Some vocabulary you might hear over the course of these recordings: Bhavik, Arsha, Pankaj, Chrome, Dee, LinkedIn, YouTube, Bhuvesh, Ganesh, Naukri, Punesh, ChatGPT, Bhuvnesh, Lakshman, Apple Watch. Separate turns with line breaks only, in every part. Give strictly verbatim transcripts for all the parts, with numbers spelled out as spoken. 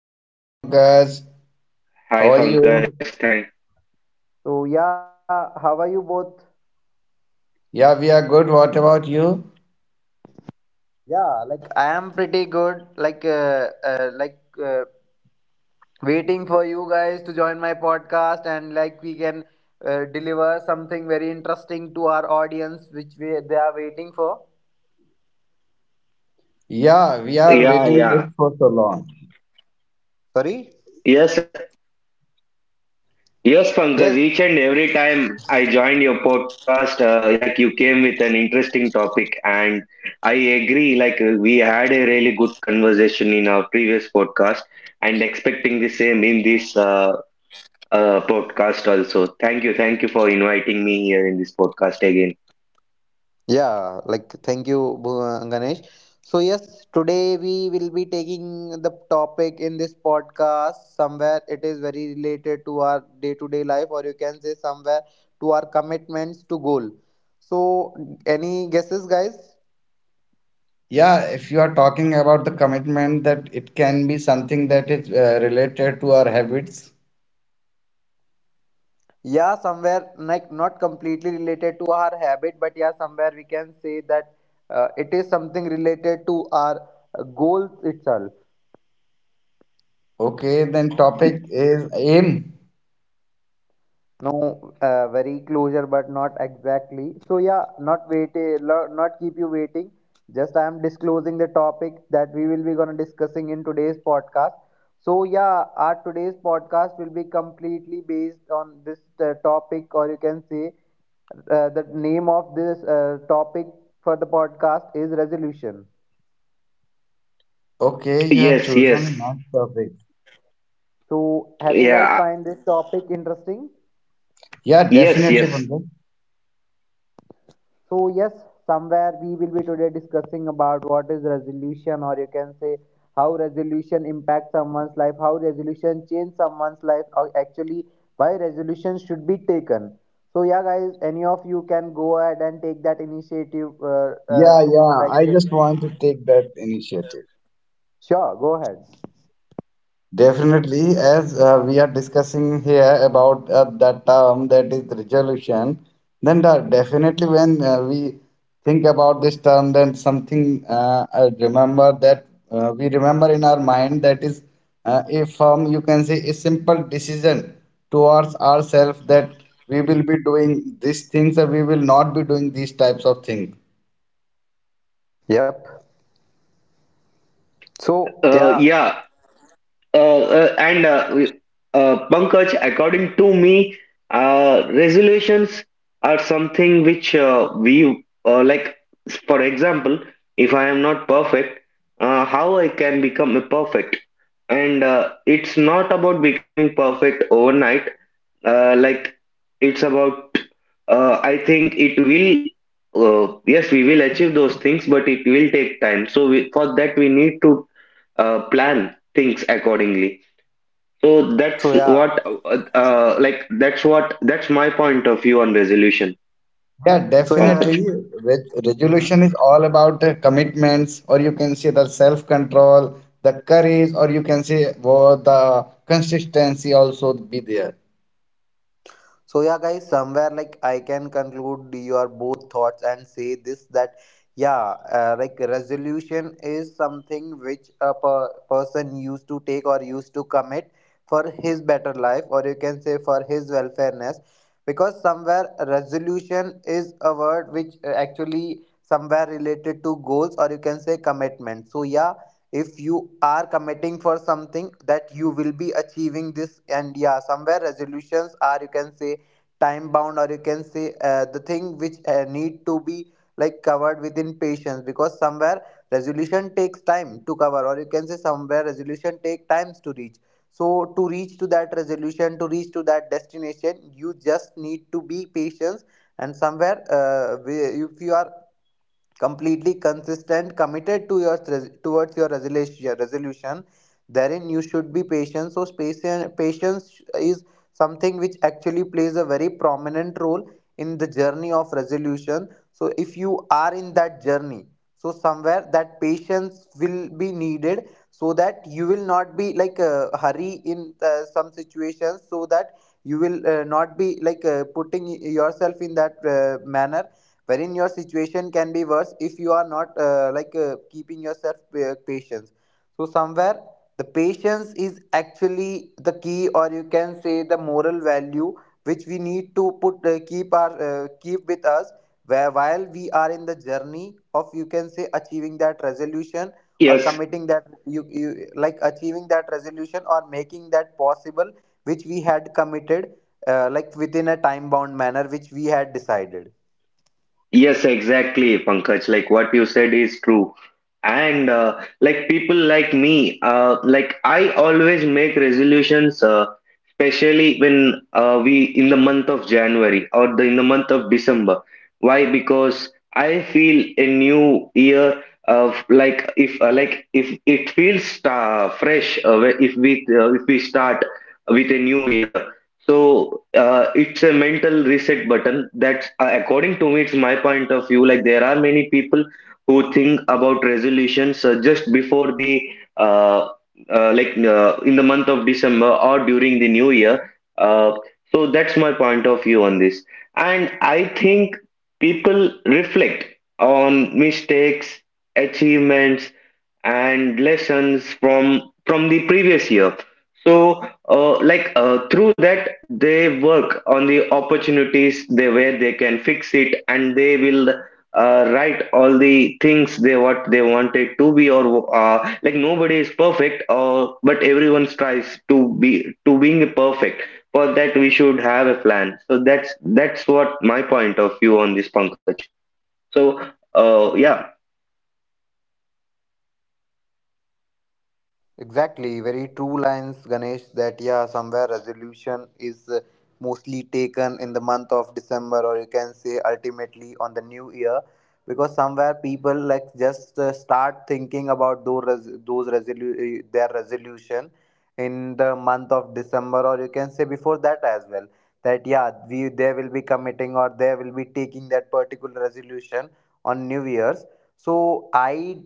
Hello Pankaj, how are
Hi
you?
Pankaj, thank
So yeah, how are you both?
Yeah, we are good. What about you?
Yeah, like I am pretty good. Like uh, uh like uh, waiting for you guys to join my podcast, and like we can uh, deliver something very interesting to our audience which we they are waiting for.
Yeah, we are
yeah,
waiting
yeah.
it for so long.
Sorry?
Yes, yes, Pankaj.
Yes.
Each and every time I join your podcast, uh, like you came with an interesting topic, and I agree. Like uh, we had a really good conversation in our previous podcast, and expecting the same in this uh, uh, podcast also. Thank you, thank you for inviting me here in this podcast again.
Yeah, like thank you, Bu- uh, Ganesh. So yes, today we will be taking the topic in this podcast. Somewhere it is very related to our day to day life, or you can say somewhere to our commitments to goal. So, any guesses, guys?
Yeah, if you are talking about the commitment that it can be something that is uh, related to our habits.
Yeah, somewhere like not completely related to our habit, but yeah, somewhere we can say that uh, it is something related to our uh, goals itself.
Okay, then topic is aim.
No, uh, very closure, but not exactly. So yeah, not wait, lo- not keep you waiting. Just I am disclosing the topic that we will be gonna discussing in today's podcast. So yeah, our today's podcast will be completely based on this uh, topic, or you can say uh, the name of this uh, topic for the podcast is resolution.
Okay, you have
Yes,
chosen
yes,
a nice topic.
So have you guys
yeah,
find this topic interesting?
Yeah,
yes,
definitely
yes.
Pankaj.
So yes, somewhere we will be today discussing about what is resolution, or you can say how resolution impacts someone's life, how resolution change someone's life, or actually why resolution should be taken. So yeah, guys, any of you can go ahead and take that initiative uh, uh,
Yeah,
to
yeah,
like.
I just want to take that initiative.
Sure, go ahead.
Definitely, as uh, we are discussing here about uh, that term that is resolution, then the, definitely when uh, we think about this term, then something uh, I remember that uh, we remember in our mind that is uh, a firm, you can say, a simple decision towards ourselves that we will be doing these things or we will not be doing these types of things.
Yep. So
Uh,
yeah.
yeah. uh, uh, and uh, we- uh, Pankaj, according to me, uh, resolutions are something which uh, we uh, like. For example, if I am not perfect, uh, how I can become a perfect? And uh, it's not about becoming perfect overnight. Uh, like it's about. Uh, I think it will. Uh, yes, we will achieve those things, but it will take time. So we, for that, we need to uh, plan things accordingly, so that's
So yeah.
what, uh, uh, like, that's what, that's my point of view on resolution,
Yeah,
So yeah,
Pankaj.
definitely. Re-
guys.
resolution is all about uh, commitments, or you can say the self control, the courage, or you can say well, the consistency also be there.
So yeah, guys, somewhere like I can conclude your both thoughts and say this that yeah, uh, like resolution is something which a per- person used to take or used to commit for his better life, or you can say for his welfareness, because somewhere resolution is a word which uh, actually somewhere related to goals, or you can say commitment. So yeah, if you are committing for something that you will be achieving this, and yeah, somewhere resolutions are, you can say, time bound, or you can say uh, the thing which uh, need to be like covered within patience, because somewhere resolution takes time to cover, or you can say somewhere resolution take times to reach. So to reach to that resolution, to reach to that destination, you just need to be patient, and somewhere uh, we- if you are completely consistent, committed to your towards your resolution. Resolution therein you should be patient. So patient patience is something which actually plays a very prominent role in the journey of resolution. So if you are in that journey, so somewhere that patience will be needed, so that you will not be like uh, hurry in uh, some situations, so that you will uh, not be like uh, putting yourself in that uh, manner wherein your situation can be worse if you are not uh, like uh, keeping yourself uh, patience. So somewhere the patience is actually the key, or you can say the moral value which we need to put, uh, keep our uh, keep with us, where while we are in the journey of, you can say, achieving that resolution, or
Yes,
committing that you, you like achieving that resolution, or making that possible which we had committed, uh, like within a time bound manner which we had decided.
yes, exactly, Pankaj. Like what you said is true. And uh, like people like me, uh, like I always make resolutions, uh, especially when uh, we in the month of January, or the, in the month of December. Why? Because I feel a new year of like, if uh, like if it feels uh, fresh, uh, wh- if we uh, if we start with a new year. So uh, it's a mental reset button. That's, uh, according to me, it's my point of view. Like there are many people who think about resolutions uh, just before the uh, uh, like uh, in the month of December or during the new year. Uh, so that's my point of view on this. And I think people reflect on mistakes, achievements, and lessons from from the previous year. So uh, like uh, through that they work on the opportunities they where they can fix it, and they will uh, write all the things they what they wanted to be. Or uh, like, nobody is perfect, uh, but everyone strives to be to being perfect. For that we should have a plan. So that's that's what my point of view on this, Pankaj. So uh, yeah.
Exactly, very true lines, Ganesh. That yeah, somewhere resolution is uh, mostly taken in the month of December, or you can say ultimately on the new year, because somewhere people like just uh, start thinking about those res- those resolu- uh, their resolution in the month of December, or you can say before that as well. That yeah, we they will be committing, or they will be taking that particular resolution on New Year's. So I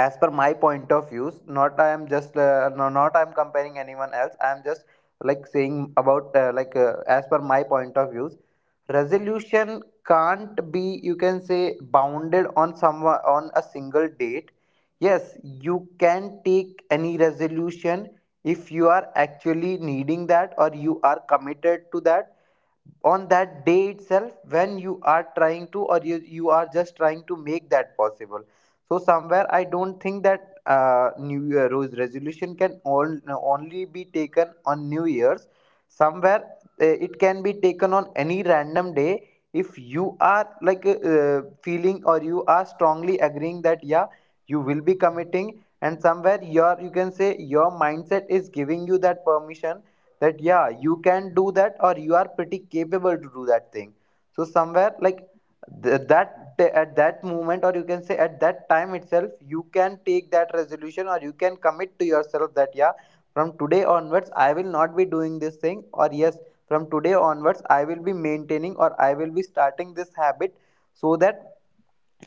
as per my point of views, not I am just uh, no, not I am comparing anyone else, I am just like saying about uh, like uh, as per my point of views, resolution can't be, you can say, bounded on some on a single date. Yes, you can take any resolution if you are actually needing that, or you are committed to that on that day itself, when you are trying to, or you, you are just trying to make that possible. So somewhere I don't think that uh, new year resolution can all, only be taken on new year's. Somewhere uh, it can be taken on any random day if you are like uh, uh, feeling, or you are strongly agreeing that yeah, you will be committing, and somewhere your you can say your mindset is giving you that permission that yeah, you can do that, or you are pretty capable to do that thing. So somewhere like th- that at that moment, or you can say at that time itself, you can take that resolution, or you can commit to yourself that yeah, from today onwards I will not be doing this thing, or yes, from today onwards I will be maintaining, or I will be starting this habit, so that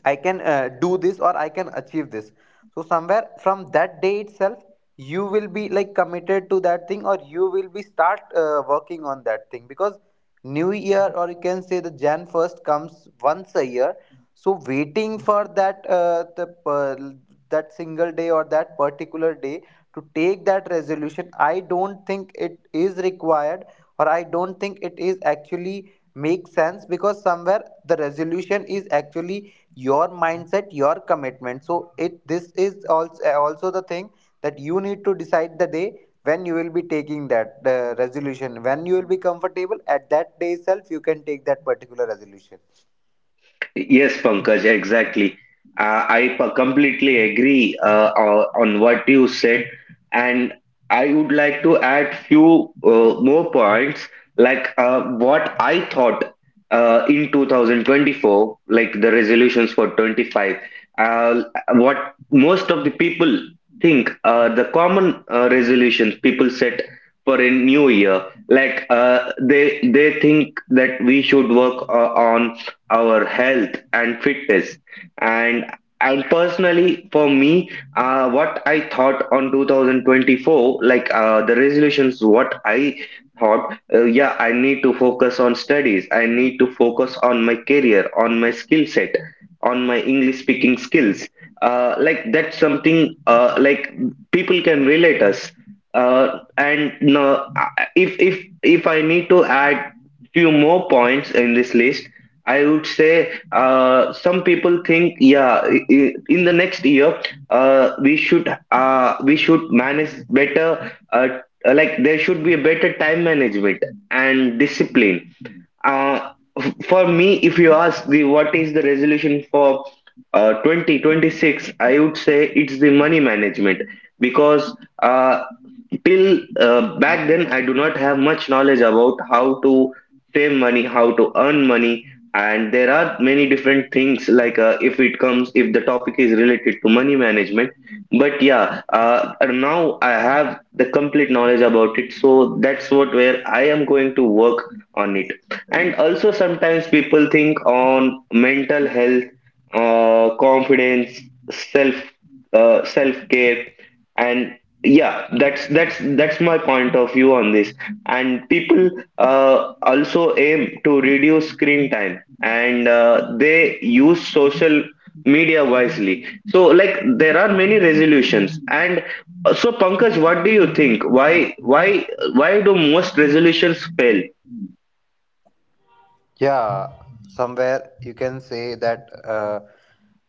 I can uh, do this, or I can achieve this. So somewhere from that day itself, you will be like committed to that thing, or you will be start uh, working on that thing, because new year, or you can say the January first, comes once a year. So waiting for that, uh, the per that single day or that particular day, to take that resolution, I don't think it is required, or I don't think it is actually make sense, because somewhere the resolution is actually your mindset, your commitment. So it this is also also the thing, that you need to decide the day when you will be taking that uh, resolution. When you will be comfortable, at that day itself you can take that particular resolution.
Yes, Pankaj, exactly. Uh, I p- completely agree uh, o- on what you said, and I would like to add few uh, more points, like uh, what I thought uh, in two thousand twenty-four, like the resolutions for twenty-five. Uh, what most of the people think, uh, the common uh, resolutions people set for a new year. Like uh, they they think that we should work uh, on our health and fitness. And and personally for me, uh, what I thought on twenty twenty-four, like uh, the resolutions what I thought, uh, yeah, I need to focus on studies, I need to focus on my career, on my skill set, on my English speaking skills. Uh, like that's something, uh, like people can relate us. Uh, and no, I- if if if I need to add few more points in this list, I would say, uh, some people think, yeah, i- i- in the next year uh, we should uh, we should manage better. Uh, uh, like there should be a better time management and discipline. Uh, f- for me, if you ask the what is the resolution for uh, twenty twenty-six, I would say it's the money management because. Uh, Till uh, back then, I do not have much knowledge about how to save money, how to earn money. And there are many different things, like uh, if it comes, if the topic is related to money management. But yeah, uh, now I have the complete knowledge about it, so that's what where I am going to work on it. And also sometimes people think on mental health, uh, confidence, self uh, self care. And yeah, that's that's that's my point of view on this. And people uh, also aim to reduce screen time, and uh, they use social media wisely. So like there are many resolutions. And uh, so, Pankaj, what do you think? Why why why do most resolutions fail?
Yeah, somewhere you can say that uh,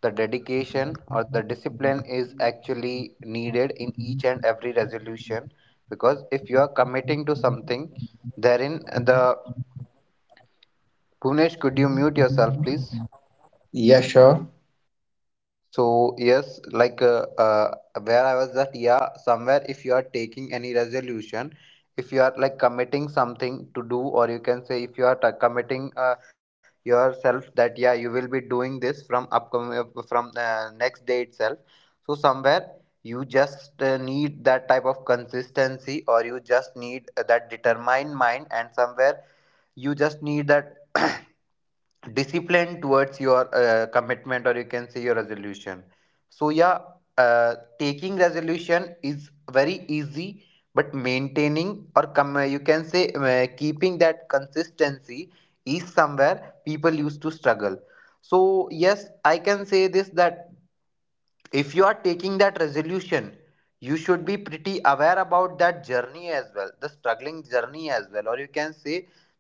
the dedication or the discipline is actually needed in each and every resolution, because if you are committing to something, therein the, Punesh, could you mute yourself please.
Yeah, sure.
So yes, like uh, uh, where I was, that yeah, somewhere if you are taking any resolution, if you are like committing something to do, or you can say if you are t- committing uh, yourself that yeah, you will be doing this from upcoming uh, from uh, next day itself. So somewhere you just uh, need that type of consistency, or you just need that determined mind, and somewhere you just need that discipline towards your uh, commitment, or you can say your resolution. So yeah, uh, taking resolution is very easy, but maintaining, or come you can say uh, keeping that consistency, is somewhere people used to struggle. So yes, I can say this, that if you are taking that resolution, you should be pretty aware about that journey as well, the struggling journey as well, or you can say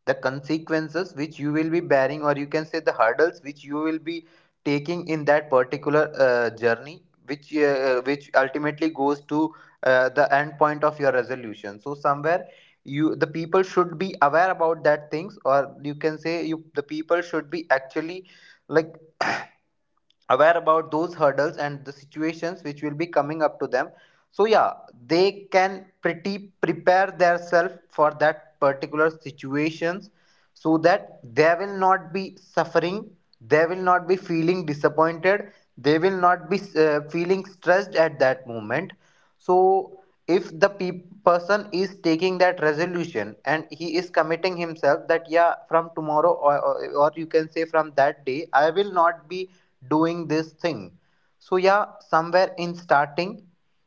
the consequences which you will be bearing, or you can say the hurdles which you will be taking in that particular uh, journey, which uh, which ultimately goes to uh, the end point of your resolution. So somewhere you the people should be aware about that things, or you can say you the people should be actually like aware about those hurdles and the situations which will be coming up to them. So yeah, they can pretty prepare themselves for that particular situations, so that they will not be suffering, they will not be feeling disappointed, they will not be uh, feeling stressed at that moment. So if the pe- person is taking that resolution, and he is committing himself that yeah, from tomorrow or, or or you can say from that day I will not be doing this thing, so yeah, somewhere in starting,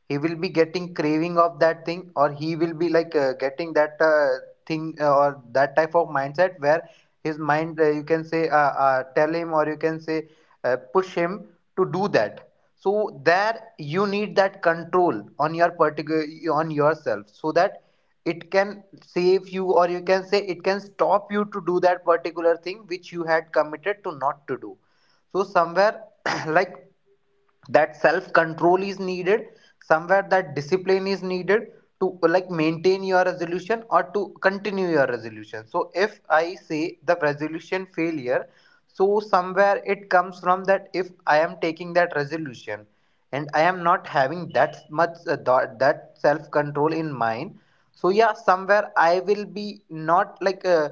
he will be getting craving of that thing, or he will be like uh, getting that uh, thing uh, or that type of mindset, where his mind, uh, you can say, uh, uh, tell him, or you can say, uh, push him to do that. So there, you need that control on your particular on yourself, so that it can save you or you can say it can stop you to do that particular thing which you had committed to not to do. So somewhere like that self control is needed, somewhere that discipline is needed to like maintain your resolution or to continue your resolution. So if I say the resolution failure, so somewhere it comes from that. If I am taking that resolution and I am not having that much uh, that self control in mind, so yeah, somewhere I will be not like uh,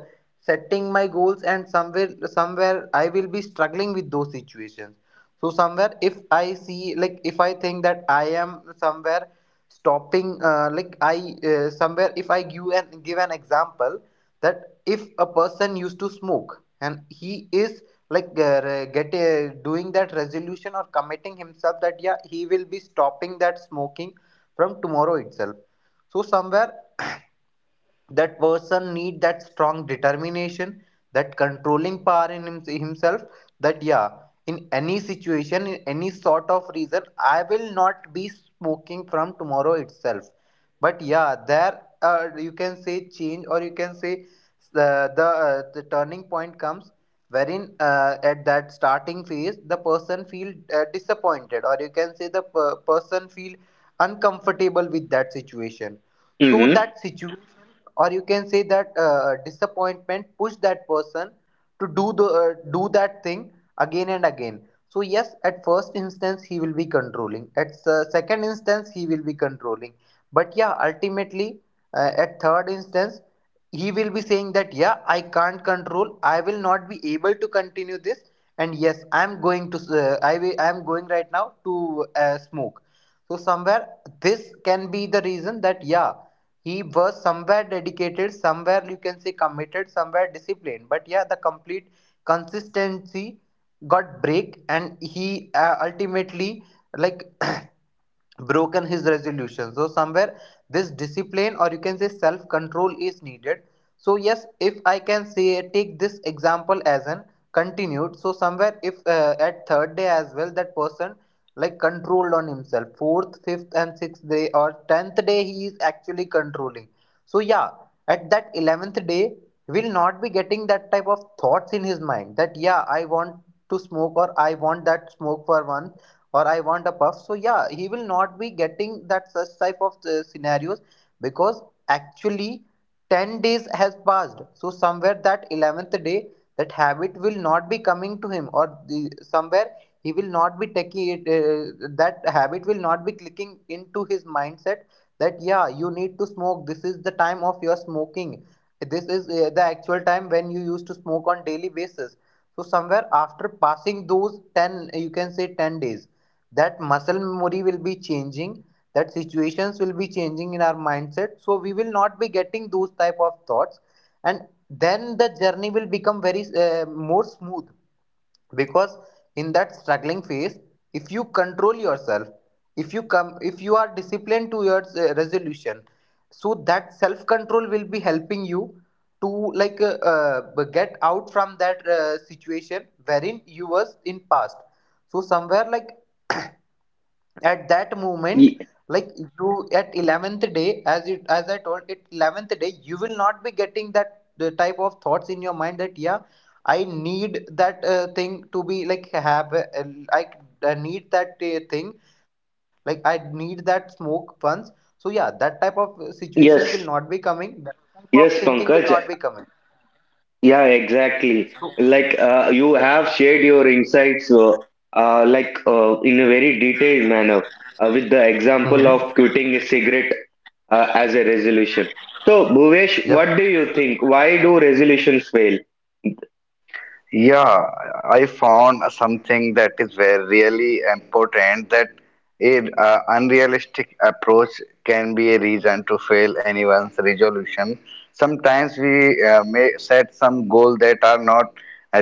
setting my goals, and somewhere somewhere I will be struggling with those situations. So somewhere if I see, like if I think that I am somewhere stopping uh, like I uh, somewhere, if I give an give an example, that if a person used to smoke and he is like uh, re- get uh, doing that resolution or committing himself that yeah, he will be stopping that smoking from tomorrow itself. So somewhere that person need that strong determination, that controlling power in him- himself, that yeah, in any situation, in any sort of reason, I will not be smoking from tomorrow itself. But yeah, there uh, you can say change, or you can say uh, the uh, the turning point comes wherein uh, at that starting phase the person feel uh, disappointed, or you can say the per- person feel uncomfortable with that situation. So that
Mm-hmm.
situation, or you can say that uh, disappointment push that person to do the uh, do that thing again and again. So yes, at first instance he will be controlling, at uh, second instance he will be controlling, but yeah, ultimately uh, at third instance he will be saying that yeah, I can't control, I will not be able to continue this. And yes, I am going to uh, i will, I am going right now to uh, smoke. So somewhere this can be the reason, that yeah, he was somewhere dedicated, somewhere you can say committed, somewhere disciplined. But yeah, the complete consistency got break, and he uh, ultimately like broken his resolution. So somewhere this discipline, or you can say self control, is needed. So yes, if I can say take this example as an continued. So somewhere if uh, at third day as well that person like controlled on himself, fourth, fifth and sixth day, or tenth day he is actually controlling. So yeah, at that eleventh day he will not be getting that type of thoughts in his mind that yeah, I want to smoke, or I want that smoke for once, or I want a puff. So yeah, he will not be getting that such type of uh, scenarios, because actually ten days has passed. So somewhere that eleventh day that habit will not be coming to him, or the, somewhere he will not be taking it, uh, that habit will not be clicking into his mindset that yeah, you need to smoke, this is the time of your smoking, this is uh, the actual time when you used to smoke on daily basis. So somewhere after passing those ten, you can say ten days, that muscle memory will be changing, that situations will be changing in our mindset, so we will not be getting those type of thoughts. And then the journey will become very uh, more smooth, because in that struggling phase, if you control yourself, if you come if you are disciplined to your uh, resolution, so that self control will be helping you to like uh, uh, get out from that uh, situation wherein you was in past. So somewhere like at that moment, like you at eleventh day, as you as I told it, eleventh day you will not be getting that the type of thoughts in your mind that yeah, I need that uh, thing to be like have uh, I, I need that uh, thing, like I need that smoke once. So yeah, that type of uh, situations will not be
Yes,
coming, that type of
yes,
thinking will not be
Pankaj.
coming.
Yeah, exactly.
So
Like uh, you have shared your insights, uh, uh, like uh, in a very detailed manner, uh, with the example
mhm.
of quitting a cigarette uh, as a resolution. So, Bhuvesh,
Yep.
what do you think? Why do resolutions fail?
Yeah, I found something that is very really important that a uh, unrealistic approach can be a reason to fail anyone's resolution. Sometimes we uh, may set some goal that are not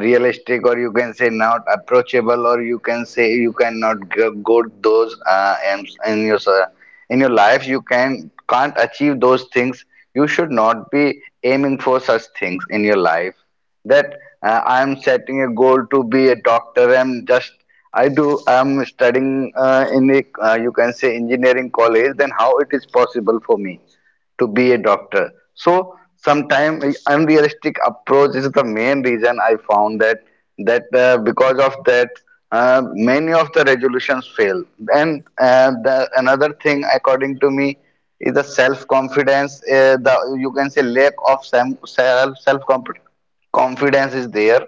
realistic or you can say not approachable or you can say you cannot go, go those uh, in, in your uh, in your life you can can't achieve those things, you should not be aiming for such things in your life. That uh, I am setting a goal to be a doctor. I'm just I do I'm studying uh, in a uh, you can say engineering college. Then how it is possible for me to be a doctor? So sometimes unrealistic approach is the main reason I found that that uh, because of that uh, many of the resolutions fail. And uh, the, another thing, according to me, is the self confidence. Uh, the you can say lack of self self confidence is there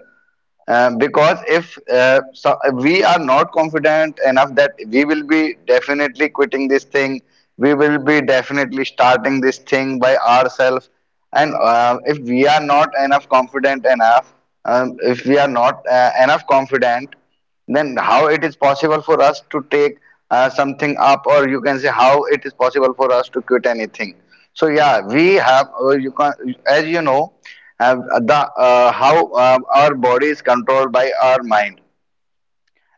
uh, because if uh, so we are not confident enough that we will be definitely quitting this thing, we will be definitely starting this thing by ourselves. And uh, if we are not enough confident enough, um, if we are not uh, enough confident, then how it is possible for us to take uh, something up? Or you can say, how it is possible for us to quit anything? So yeah, we have uh, you can, as you know, uh, the uh, how uh, our body is controlled by our mind.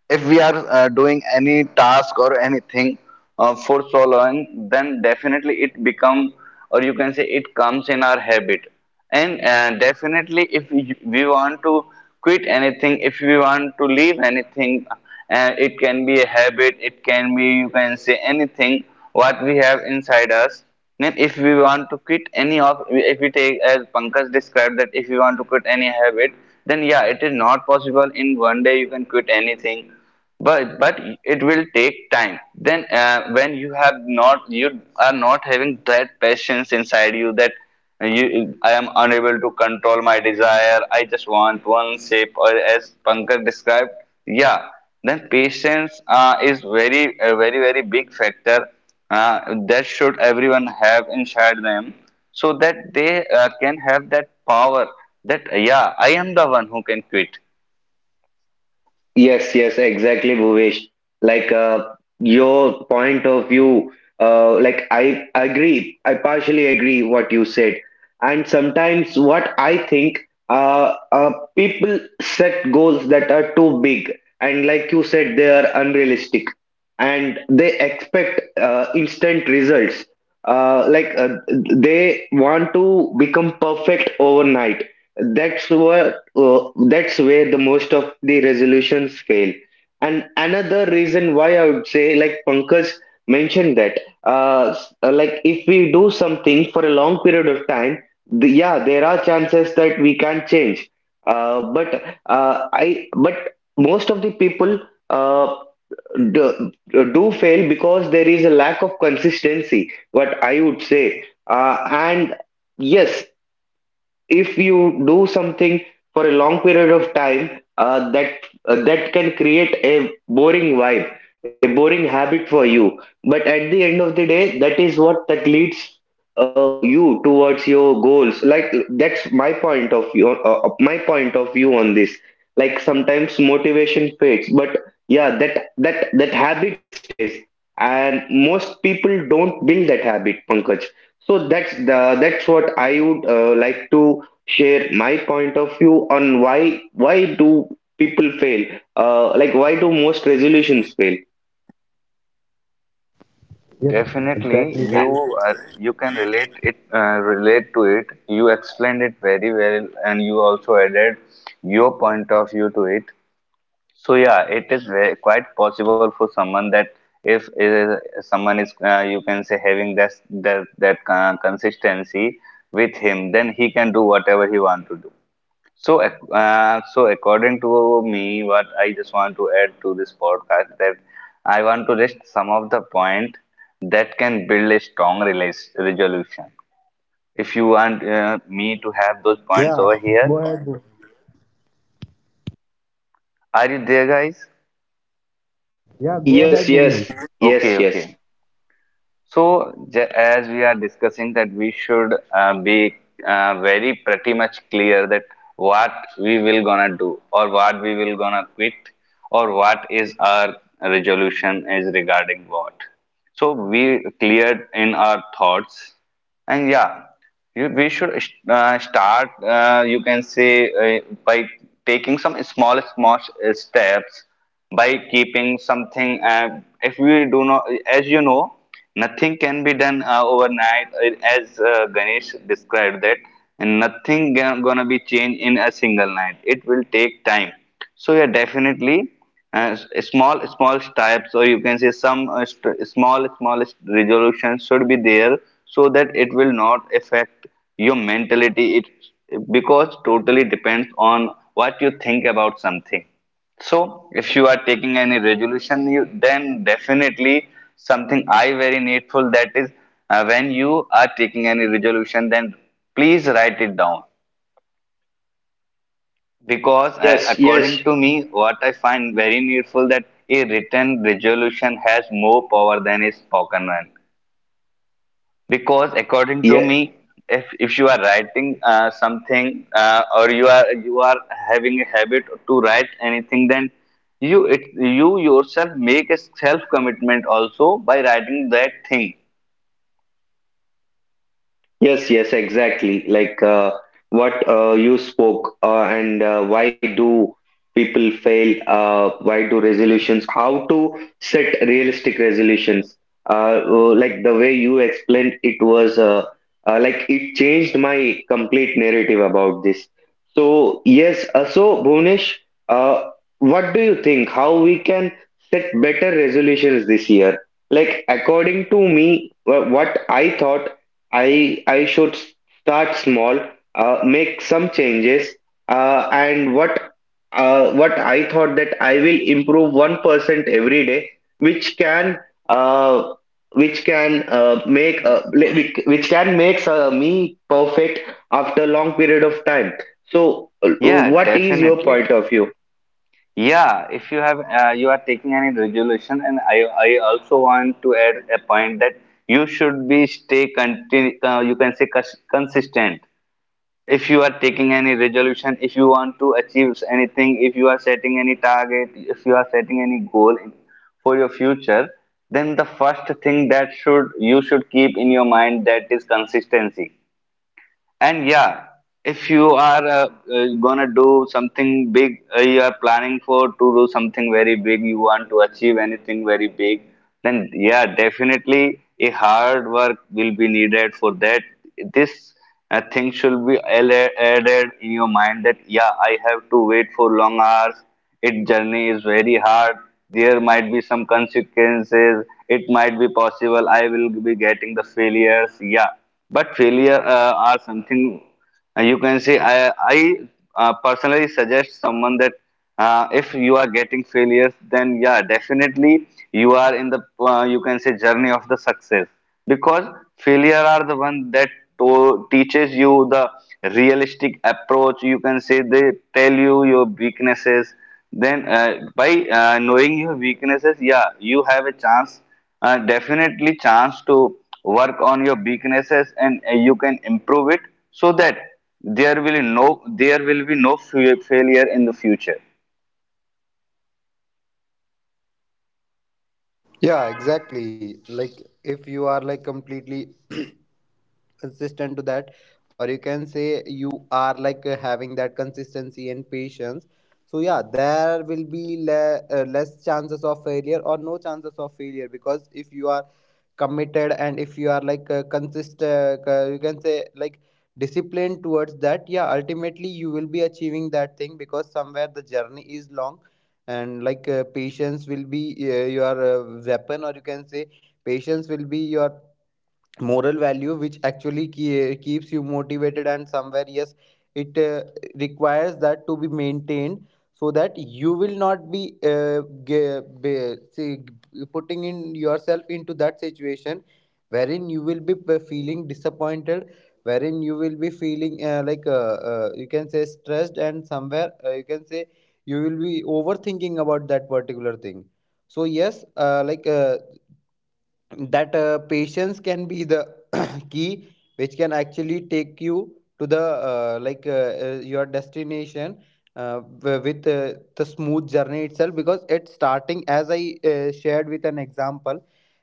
If we are uh, doing any task or anything uh, for so long, then definitely it become, or you can say, it comes in our habit. And uh, definitely if we we want to quit anything, if we want to leave anything, uh, it can be a habit, it can be, you can say, anything what we have inside us. Then, if we want to quit any of, if we take as Pankaj described, that if you want to quit any habit, then yeah, it is not possible in one day you can quit anything, but but it will take time. Then uh, when you have not, you are not having that patience inside you, that you, I am unable to control my desire. I just want one shape, or as Pankaj described, yeah. Then patience uh, is very, a very, very big factor uh, that should everyone have inside them, so that they uh, can have that power. That yeah, I am the one who can quit.
Yes, yes, exactly, Bhuvesh. Like uh, your point of view, uh, like I agree, I partially agree what you said. And sometimes what I think, uh, uh, people set goals that are too big, and like you said, they are unrealistic, and they expect uh, instant results. Uh, like uh, they want to become perfect overnight. That's what uh, that's where the most of the resolutions fail, and another reason why I would say, like Pankaj mentioned, that uh, s- uh, like if we do something for a long period of time, the, yeah, there are chances that we can change, uh, but uh, i but most of the people uh, do, do fail because there is a lack of consistency, what I would say. Uh, and yes, if you do something for a long period of time uh, that uh, that can create a boring vibe, a boring habit for you, but at the end of the day that is what that leads uh, you towards your goals. Like that's my point of view uh, uh, my point of view on this. Like sometimes motivation fades, but yeah, that that that habit stays, and most people don't build that habit, Pankaj. So that's the that's what I would uh, like to share my point of view on, why why do people fail? Uh, like, why do most resolutions fail?
Yep,
Definitely,
exactly.
Uh,
you
Bhavik.
are, you can relate it, uh, relate to it. You explained it very well, and you also added your point of view to it. So yeah, it is very, quite possible for someone that if uh, someone is uh, you can say having that that that uh, consistency with him, then he can do whatever he want to do. So ac- uh, so according to me, what I just want to add to this podcast, that I want to list some of the point that can build a strong relis- resolution. If you want uh, me to have those points
Yeah,
over here,
go ahead. Bhu-
are you there, guys?
Yeah, go
Yes,
ahead,
yes,
Bhuvnesh.
Okay,
yes, yes,
okay. So, j- as we are discussing that we should uh, be uh, very pretty much clear that what we will gonna do or what we will gonna quit or what is our resolution is regarding what. So we cleared in our thoughts, and yeah, you, we should uh, start, uh, you can say, uh, by taking some small, small uh, steps, by keeping something. Uh, if we do not, as you know, nothing can be done uh, overnight, uh, as uh, Ganesh described that, and nothing ga- gonna be changed in a single night. It will take time. So, yeah, definitely, uh, small small types, or you can say, some uh, st- small small resolutions should be there, so that it will not affect your mentality, it because totally depends on what you think about something. So if you are taking any resolution, you then definitely something, I very needful, that is uh, when you are taking any resolution, then please write it down, because uh,
yes, yes,
according to me, what I find very needful, that a written resolution has more power than a spoken one. Because according to me,
yes.
if if you are writing uh, something uh, or you are you are having a habit to write anything, then you it you yourself make a self commitment also by writing that thing.
Yes, yes, exactly. Like uh, what uh, you spoke, uh, and uh, why do people fail? Uh, why do resolutions? How to set realistic resolutions? Uh, uh, like the way you explained, it was uh, uh, like it changed my complete narrative about this. So yes, uh, so Bhunesh, uh, what do you think? How we can set better resolutions this year? Like according to me, wha- what I thought I I should start small, uh, make some changes, uh, and what uh, what I thought that I will improve one percent every day, which can uh, which can uh, make uh, li- which which can make uh, me perfect after long period of time. So, uh,
Yeah,
what is your
definitely.
point of view?
Yeah, if you have uh, you are taking any regulation, and I I also want to add a point that you should be stay conti uh, you can say cons consistent. If you are taking any resolution, if you want to achieve anything, if you are setting any target, if you are setting any goal in, for your future, then the first thing that should you should keep in your mind that is consistency. And yeah, if you are uh, uh, gonna do something big, uh, you are planning for to do something very big, you want to achieve anything very big, then yeah, definitely a hard work will be needed for that. This uh, thing should be alle- added in your mind that yeah, I have to wait for long hours, its journey is very hard. There might be some consequences. It might be possible I will be getting the failures. Yeah, but failure uh, are something, uh, you can say. I I uh, personally suggest someone that uh, if you are getting failures, then yeah, definitely you are in the uh, you can say journey of the success, because failure are the one that to- teaches you the realistic approach, you can say they tell you your weaknesses. Then uh, by uh, knowing your weaknesses, yeah, you have a chance, uh, definitely chance to work on your weaknesses, and uh, you can improve it, so that there will no, there will be no fa- failure in the future.
Yeah, exactly. Like if you are like completely consistent to that, or you can say you are like uh, having that consistency and patience, so yeah, there will be le- uh, less chances of failure or no chances of failure, because if you are committed, and if you are like uh, consist uh, c- you can say like disciplined towards that, yeah, ultimately you will be achieving that thing, because somewhere the journey is long, and like uh, patience will be uh, your uh, weapon, or you can say patience will be your moral value which actually ke- keeps you motivated. And somewhere yes, it uh, requires that to be maintained, so that you will not be uh, ge- be- say, putting in yourself into that situation wherein you will be p- feeling disappointed, wherein you will be feeling uh, like uh, uh, you can say stressed, and somewhere uh, you can say you will be overthinking about that particular thing. So yes, uh, like uh, that uh, patience can be the key which can actually take you to the uh, like uh, uh, your destination uh, wi- with uh, the smooth journey itself. Because at starting, as I uh, shared with an example,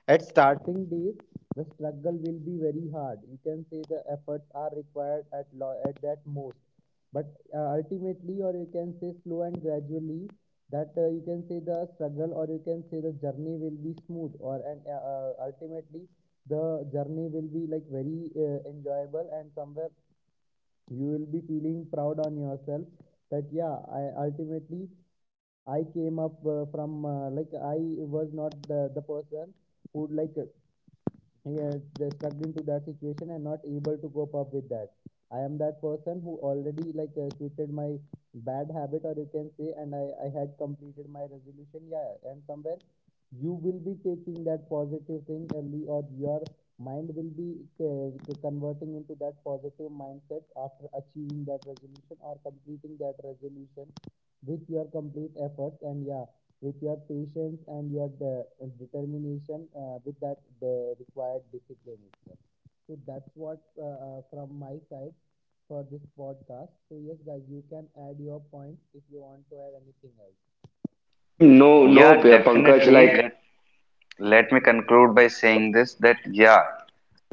at starting days the struggle will be very hard, you can say the efforts are required at lo- at that most. But uh, ultimately, or you can say slow and gradually, that uh, you can say the struggle, or you can say the journey will be smooth, or and uh, uh, ultimately the journey will be like very uh, enjoyable, and somewhere you will be feeling proud on yourself, that yeah, i ultimately i came up uh, from uh, like i was not the, the person who like uh, he has stuck into that situation and not able to cope up with that. I am that person who already like uh, quitted my bad habit, or you can say, and I, I had completed my resolution. Yeah, and somewhere you will be taking that positive thing early, or your mind will be uh, converting into that positive mindset after achieving that resolution or completing that resolution with your complete efforts, and yeah, with your patience and your de- determination uh, with that the required discipline itself. So that's what uh, uh, from my side for this podcast. So yes, guys, you can add your points if you want to add anything else.
No, no,
Yeah,
Pankaj,
definitely.
like...
Let Let me conclude by saying this, that yeah,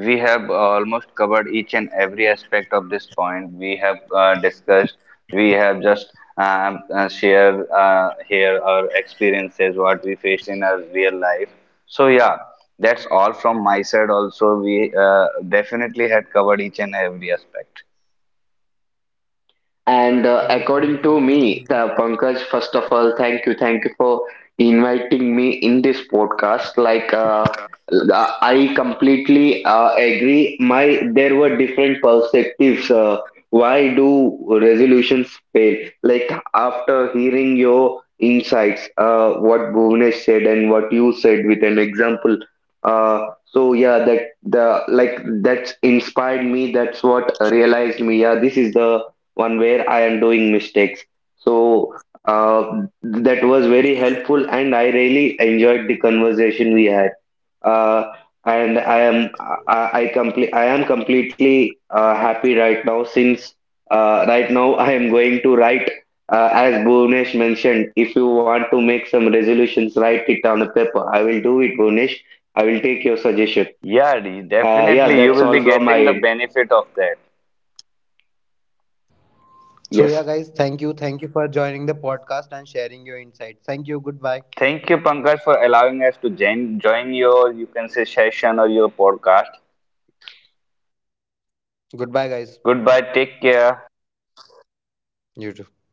we have uh, almost covered each and every aspect of this point. We have uh, discussed, we have just um, uh, shared uh, here our experiences, what we faced in our real life. So yeah, that's all from my side. Also, we uh, definitely had covered each and every aspect.
And
So
uh,
yes,
according to me,
Ganeshan.
the Pankaj, first of all, thank you, thank you for inviting me in this podcast. Like, uh, I completely uh, agree. My, there were different perspectives. Uh, why do resolutions fail? Like after hearing your insights, uh, what Bhuvnesh said and what you said with an example. Uh, so yeah, that the like that's inspired me. That's what realized me. Yeah, this is the one where I am doing mistakes. So uh, that was very helpful, and I really enjoyed the conversation we had. Uh, and I am I, I complete I am completely uh, happy right now, since uh, right now I am going to write, uh, as Bhuvnesh mentioned. If you want to make some resolutions, write it on a paper. I will do it, Bhuvnesh. I will take your suggestion.
Yeah, Dee,
Uh, yeah,
definitely you
that's
will
all
be
from my
getting the
end.
benefit of that.
So,
Yes.
yeah, guys, thank you. Thank you for joining the podcast and sharing your insights. Thank you. Goodbye.
Thank you, Pankaj, for allowing us to join,
Bye
join your,
bye.
you can say, session or your podcast.
Goodbye, guys.
Goodbye. Take care.
Bye bye.
You
Bye
too.
bye.